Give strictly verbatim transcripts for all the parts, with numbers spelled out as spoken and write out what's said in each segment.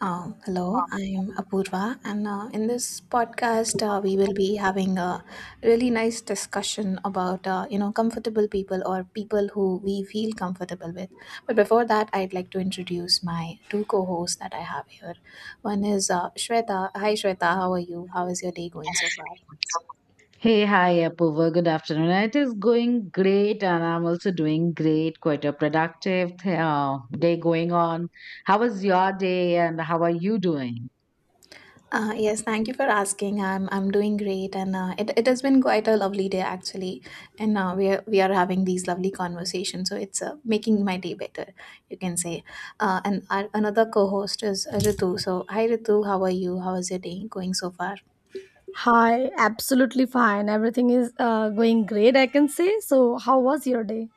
Um, hello, I'm Apurva, and uh, in this podcast, uh, we will be having a really nice discussion about uh, you know comfortable people or people who we feel comfortable with. But before that, I'd like to introduce my two co-hosts that I have here. One is uh, Shweta. Hi, Shweta. How are you? How is your day going so far? Hey, hi, Apurva. Good afternoon. It is going great, and I'm also doing great. Quite a productive uh, day going on. How was your day, and how are you doing? Uh, yes, thank you for asking. I'm I'm doing great, and uh, it it has been quite a lovely day actually, and uh, we are we are having these lovely conversations. So it's uh, making my day better, you can say. Uh, and our, another co-host is uh, Ritu. So hi, Ritu, how are you? How is your day going so far? Hi, absolutely fine. Everything is uh, going great, I can say. So, how was your day?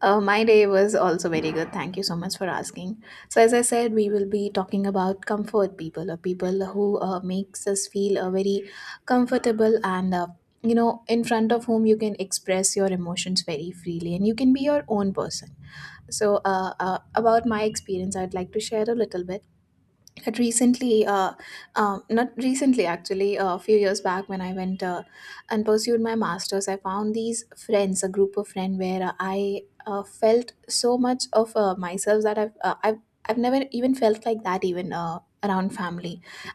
Uh, my day was also very good. Thank you so much for asking. So, as I said, we will be talking about comfort people or people who uh, makes us feel uh, very comfortable and uh, you know in front of whom you can express your emotions very freely and you can be your own person. So, uh, uh, about my experience, I'd like to share a little bit that recently uh, um, not recently, actually a few years back, when I went uh, and pursued my masters, I found these friends, a group of friends where uh, i uh, felt so much of uh, myself that I've, uh, I've i've never even felt like that, even uh, around family.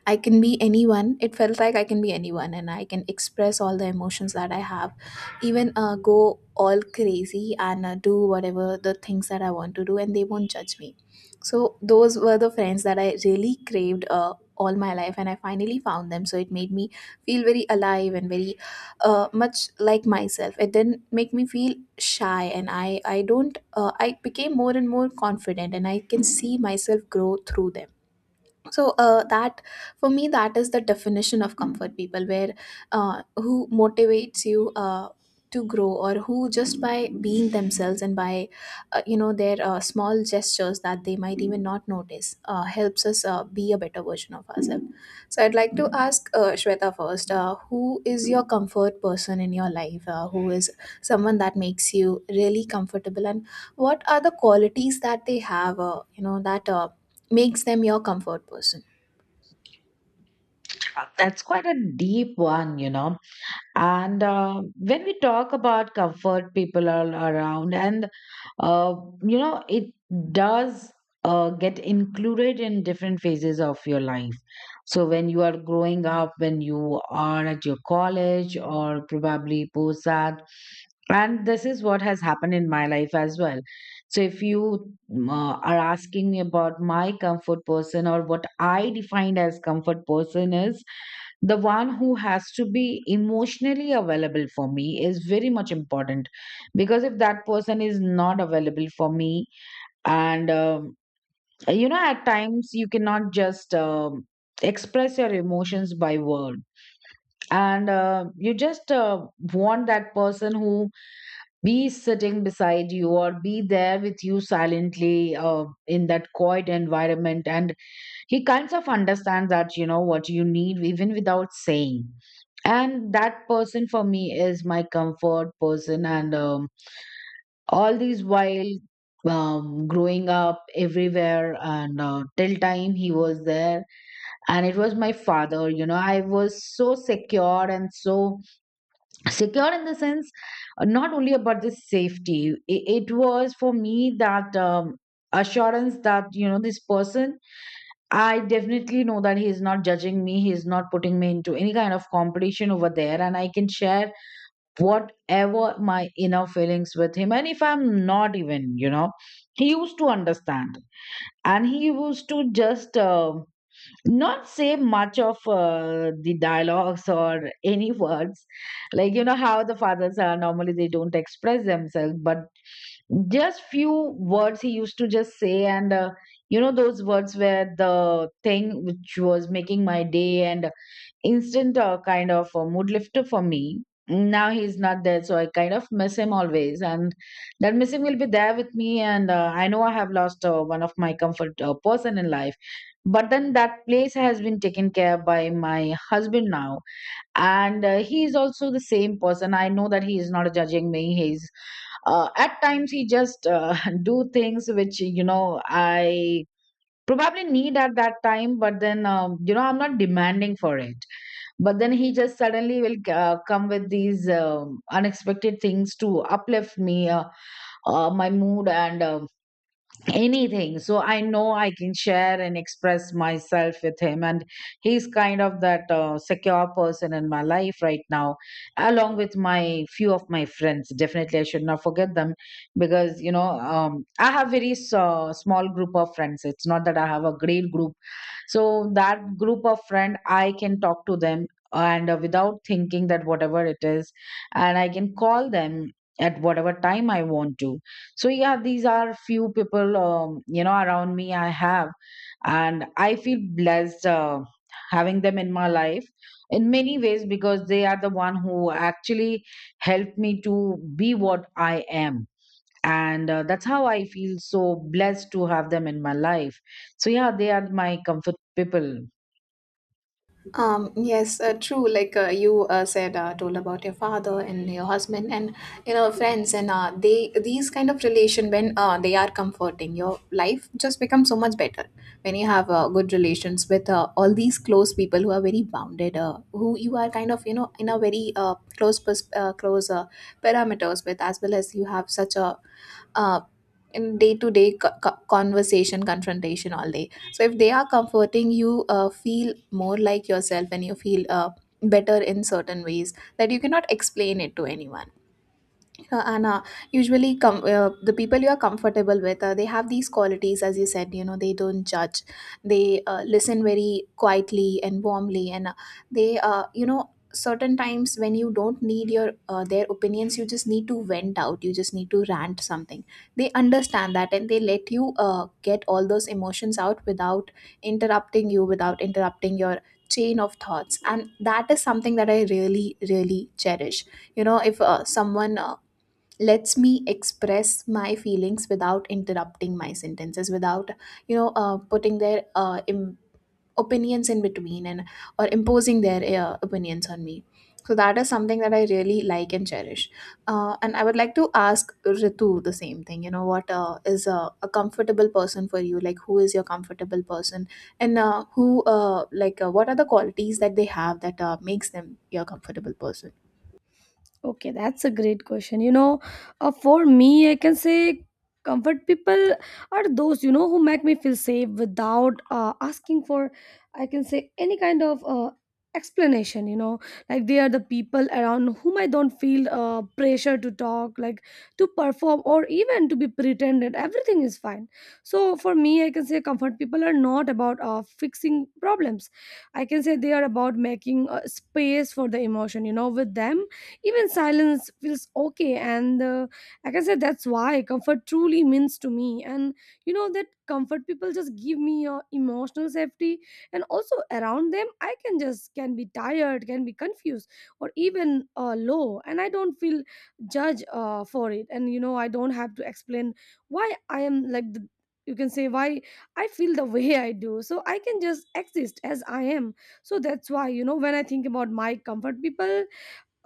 I can be anyone. It felt like I can be anyone and I can express all the emotions that I have, even uh, go all crazy and uh, do whatever the things that I want to do, and they won't judge me. So those were the friends that I really craved uh, all my life, and I finally found them. So it made me feel very alive and very uh, much like myself. It didn't make me feel shy, and I I don't uh, I became more and more confident, and I can see myself grow through them. So uh, that, for me, that is the definition of comfort people, where uh, who motivates you Uh, to grow, or who just by being themselves and by uh, you know their uh, small gestures that they might even not notice uh, helps us uh, be a better version of ourselves. So I'd like to ask uh, Shweta first, uh, who is your comfort person in your life, uh, who is someone that makes you really comfortable, and what are the qualities that they have uh, you know that uh, makes them your comfort person? That's quite a deep one, you know. And uh, when we talk about comfort people all around, and uh, you know it does uh, get included in different phases of your life. So when you are growing up, when you are at your college or probably post that, and this is what has happened in my life as well. So if you um, uh, are asking me about my comfort person, or what I defined as comfort person is the one who has to be emotionally available for me is very much important. Because if that person is not available for me, and um, you know, at times you cannot just um, express your emotions by word, and uh, you just uh, want that person who be sitting beside you or be there with you silently uh, in that quiet environment, and he kinds of understands, that you know, what you need even without saying. And that person for me is my comfort person. And um, all these while, um, growing up everywhere, and uh, till time he was there, and it was my father. You know, I was so secure, and so secure in the sense, uh, not only about the safety, it, it was for me that, um, assurance that, you know, this person, I definitely know that he is not judging me, he is not putting me into any kind of competition over there, and I can share whatever my inner feelings with him. And if I'm not even, you know, he used to understand. And he used to just uh, not say much of uh, the dialogues or any words. Like, you know, how the fathers are normally, they don't express themselves, but just few words he used to just say. And uh, you know, those words were the thing which was making my day, and instant uh, kind of a mood lifter for me. Now he's not there, so I kind of miss him always, and that missing will be there with me. And uh, I know I have lost uh, one of my comfort uh, person in life, but then that place has been taken care by my husband now, and uh, he is also the same person. I know that he is not judging me. He's uh, at times, he just uh, do things which, you know, I probably need at that time. But then, um, you know, I'm not demanding for it, but then he just suddenly will uh, come with these um, unexpected things to uplift me, uh, uh, my mood and um anything. So I know I can share and express myself with him, and he's kind of that uh, secure person in my life right now, along with my few of my friends. Definitely I should not forget them, because, you know, um, I have very s- uh, small group of friends. It's not that I have a great group, so that group of friend I can talk to them, and uh, without thinking that whatever it is, and I can call them at whatever time I want to. So yeah, these are few people, um, you know, around me I have, and I feel blessed uh, having them in my life in many ways, because they are the one who actually helped me to be what I am. And uh, that's how I feel so blessed to have them in my life. So yeah, they are my comfort people. Um, yes, uh, true. Like uh, you uh, said, uh, told about your father and your husband and you know friends, and uh, they, these kind of relation, when uh, they are comforting, your life just becomes so much better when you have uh, good relations with uh, all these close people who are very bounded, uh, who you are kind of you know in a very uh, close pers- uh, close uh, parameters with, as well as you have such a uh, in day to day conversation, confrontation all day. So if they are comforting, you uh, feel more like yourself and you feel uh, better in certain ways that you cannot explain it to anyone. Uh, Anna, usually com- uh, the people you are comfortable with, uh, they have these qualities, as you said, you know, they don't judge. They uh, listen very quietly and warmly. And uh, they, uh, you know, certain times when you don't need your uh, their opinions, you just need to vent out. You just need to rant something. They understand that and they let you uh, get all those emotions out without interrupting you, without interrupting your chain of thoughts, and that is something that I really, really cherish. You know, if uh, someone uh, lets me express my feelings without interrupting my sentences, without you know uh, putting their uh, Im- opinions in between and or imposing their uh, opinions on me, so that is something that I really like and cherish. Uh, and I would like to ask Ritu the same thing. You know, what uh, is a, a comfortable person for you? Like, who is your comfortable person, and uh, who uh, like uh, what are the qualities that they have that uh, makes them your comfortable person? Okay, that's a great question. You know, uh, for me, I can say comfort people are those, you know, who make me feel safe without uh, asking for, I can say, any kind of uh, explanation. You know, like they are the people around whom I don't feel uh, pressure to talk, like to perform, or even to be pretended. Everything is fine. So for me, I can say comfort people are not about uh, fixing problems. I can say they are about making uh, space for the emotion. You know, with them even silence feels okay, and uh, like I said, that's why comfort truly means to me. And you know that comfort people just give me uh, emotional safety, and also around them I can just can be tired, can be confused, or even uh, low, and I don't feel judged uh, for it. And you know, I don't have to explain why I am like the, you can say, why I feel the way I do, so I can just exist as I am. So that's why, you know, when I think about my comfort people,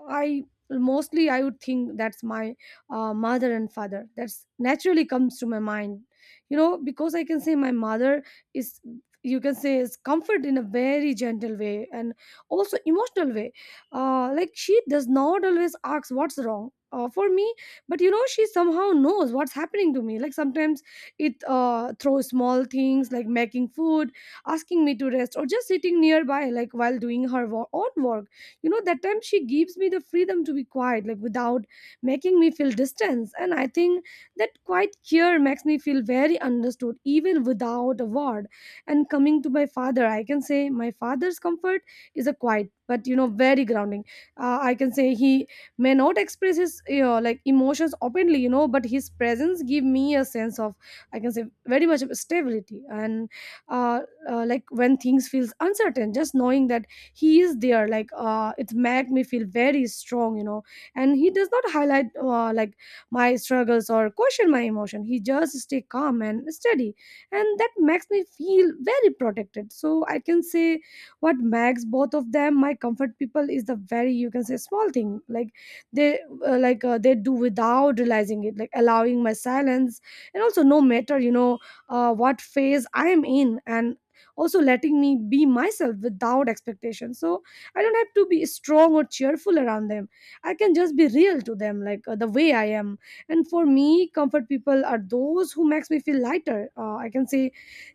I mostly I would think that's my uh, mother and father. That's naturally comes to my mind, you know, because I can say my mother is, you can say, is comfort in a very gentle way and also emotional way. Uh, like she does not always ask what's wrong. Uh, for me, but you know, she somehow knows what's happening to me. Like sometimes it uh throws small things like making food, asking me to rest, or just sitting nearby, like while doing her wo- own work. You know, that time she gives me the freedom to be quiet, like without making me feel distance. And I think that quiet care makes me feel very understood even without a word. And coming to my father, I can say my father's comfort is a quiet but, you know, very grounding. uh, I can say he may not express his, you know, like emotions openly, you know, but his presence give me a sense of, I can say, very much of stability. And uh, uh, like when things feels uncertain, just knowing that he is there, like uh, it made me feel very strong, you know. And he does not highlight uh, like my struggles or question my emotion. He just stay calm and steady, and that makes me feel very protected. So I can say what makes both of them my comfort people is the very, you can say, small thing like they uh, like uh, they do without realizing it, like allowing my silence and also, no matter, you know, uh, what phase I am in, and also letting me be myself without expectation. So I don't have to be strong or cheerful around them. I can just be real to them, like uh, the way I am. And for me, comfort people are those who makes me feel lighter, uh, I can say,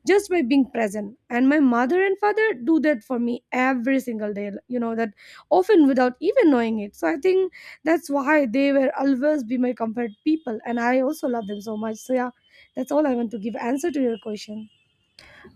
just by being present. And my mother and father do that for me every single day, you know, that often without even knowing it. So I think that's why they will always be my comfort people, and I also love them so much. So yeah, that's all I want to give answer to your question.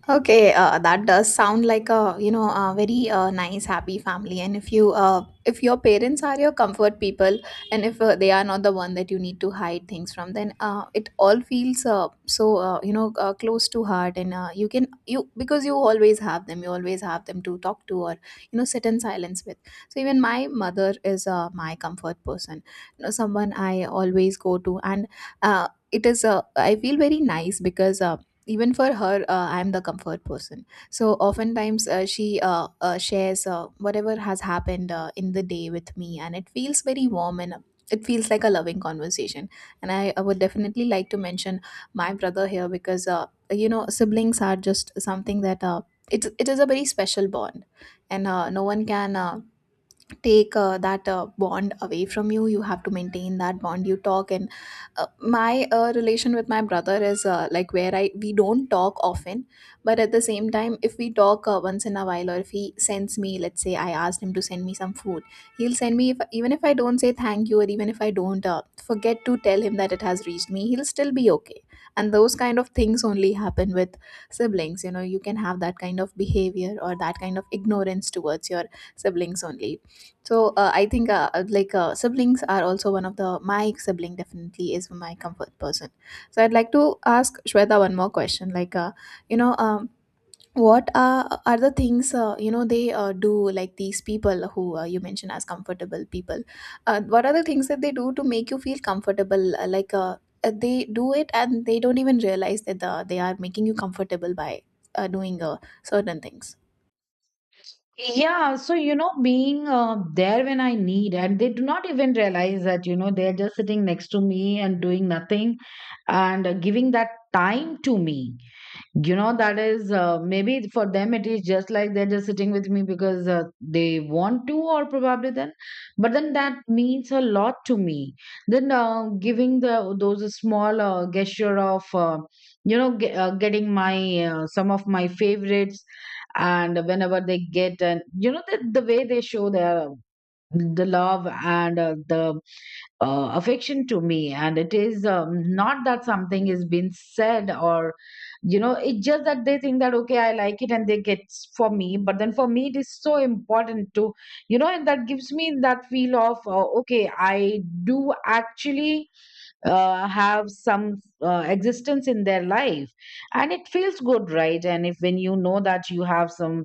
Okay, uh, that does sound like a, you know, a very uh, nice happy family. And if you uh, if your parents are your comfort people, and if uh, they are not the one that you need to hide things from, then uh, it all feels uh, so uh, you know uh, close to heart. And uh, you can, you, because you always have them, you always have them to talk to or you know sit in silence with. So even my mother is uh, my comfort person, you know, someone I always go to, and uh, it is uh, I feel very nice because. Uh, even for her, uh, I'm the comfort person, so oftentimes uh, she uh, uh, shares uh, whatever has happened uh, in the day with me, and it feels very warm and uh, it feels like a loving conversation. And i, I would definitely like to mention my brother here, because uh, you know siblings are just something that uh, it's it is a very special bond, and uh, no one can uh, take uh, that uh, bond away from you. You have to maintain that bond, you talk, and uh, my uh, relation with my brother is uh, like where I we don't talk often, but at the same time, if we talk uh, once in a while, or if he sends me, let's say I asked him to send me some food, he'll send me if, even if I don't say thank you, or even if I don't uh, forget to tell him that it has reached me, he'll still be okay. And those kind of things only happen with siblings. You know, you can have that kind of behavior or that kind of ignorance towards your siblings only. So uh, I think uh, uh, like uh, siblings are also one of the, my sibling definitely is my comfort person. So I'd like to ask Shweta one more question. Like uh, you know, um, what are are the things uh, you know they uh, do, like these people who uh, you mentioned as comfortable people? Uh, what are the things that they do to make you feel comfortable? Uh, like uh, uh, they do it and they don't even realize that uh, they are making you comfortable by uh, doing uh, certain things. Yeah, so you know, being uh, there when I need, and they do not even realize that, you know, they're just sitting next to me and doing nothing, and uh, giving that time to me. You know, that is uh, maybe for them it is just like they're just sitting with me because uh, they want to, or probably then. But then that means a lot to me. Then uh, giving the those small uh, gesture of, uh, you know, ge- uh, getting my uh, some of my favorites, and whenever they get. And you know, the, the way they show their the love and uh, the uh, affection to me, and it is, um, not that something is being said, or you know, it's just that they think that okay, I like it, and they get s- for me. But then for me it is so important to, you know. And that gives me that feel of, uh, okay, I do actually uh, have some uh, existence in their life, and it feels good, right? And if when you know that you have some,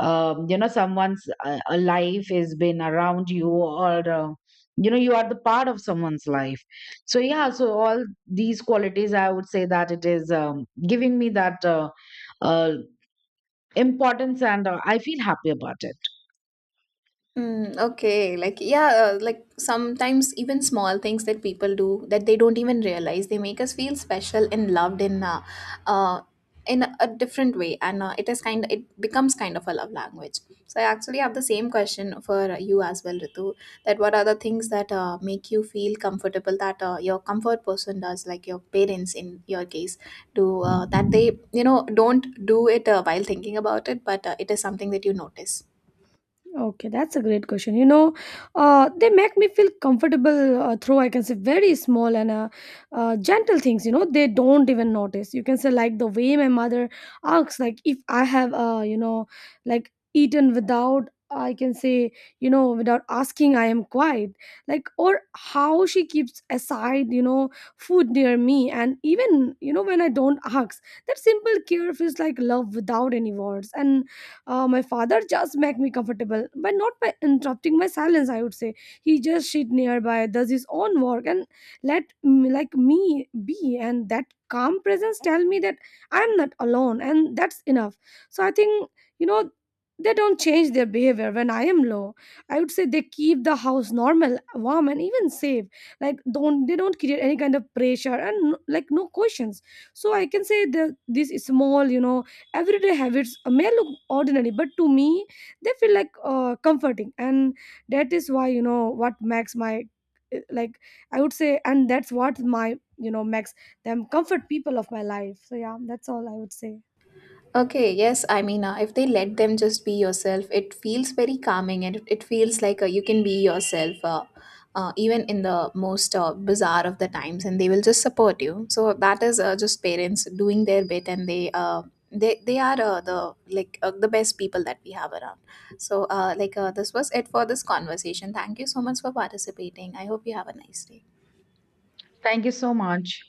um, you know, someone's uh, a life has been around you, or uh, you know, you are the part of someone's life. So yeah, so all these qualities I would say, that it is um, giving me that uh, uh, importance, and uh, I feel happy about it. Mm, okay, like, yeah, uh, like sometimes even small things that people do, that they don't even realize, they make us feel special and loved in uh, uh in a a different way, and uh, it is kind, it becomes kind of a love language. So I actually have the same question for uh, you as well, Ritu. That, what are the things that uh, make you feel comfortable, that uh, your comfort person does, like your parents in your case, do uh, that they you know don't do it uh, while thinking about it, but uh, it is something that you notice. Okay, that's a great question. You know, uh, they make me feel comfortable uh, through, I can say, very small and uh, uh, gentle things, you know, they don't even notice. You can say, like, the way my mother asks, like, if I have, uh, you know, like, eaten without. I can say, you know, without asking, I am quiet. Like, or how she keeps aside, you know, food near me. And even, you know, when I don't ask, that simple care feels like love without any words. And uh, my father just make me comfortable, but not by interrupting my silence. I would say he just sit nearby, does his own work, and let me, like me be. And that calm presence tell me that I'm not alone, and that's enough. So I think, you know, they don't change their behavior when I am low. I would say they keep the house normal, warm, and even safe. Like don't, they don't create any kind of pressure and like no questions. So I can say that this is small, you know, everyday habits may look ordinary, but to me they feel like uh, comforting. And that is why, you know, what makes my eh, like I would say, and that's what my, you know, makes them comfort people of my life. So yeah, that's all I would say. Okay, yes, I mean, uh, if they let them just be yourself, it feels very calming, and it it feels like uh, you can be yourself uh, uh, even in the most uh, bizarre of the times, and they will just support you. So that is uh, just parents doing their bit, and they uh, they they are uh, the, like uh, the best people that we have around. So uh, like uh, this was it for this conversation. Thank you so much for participating. I hope you have a nice day. Thank you so much.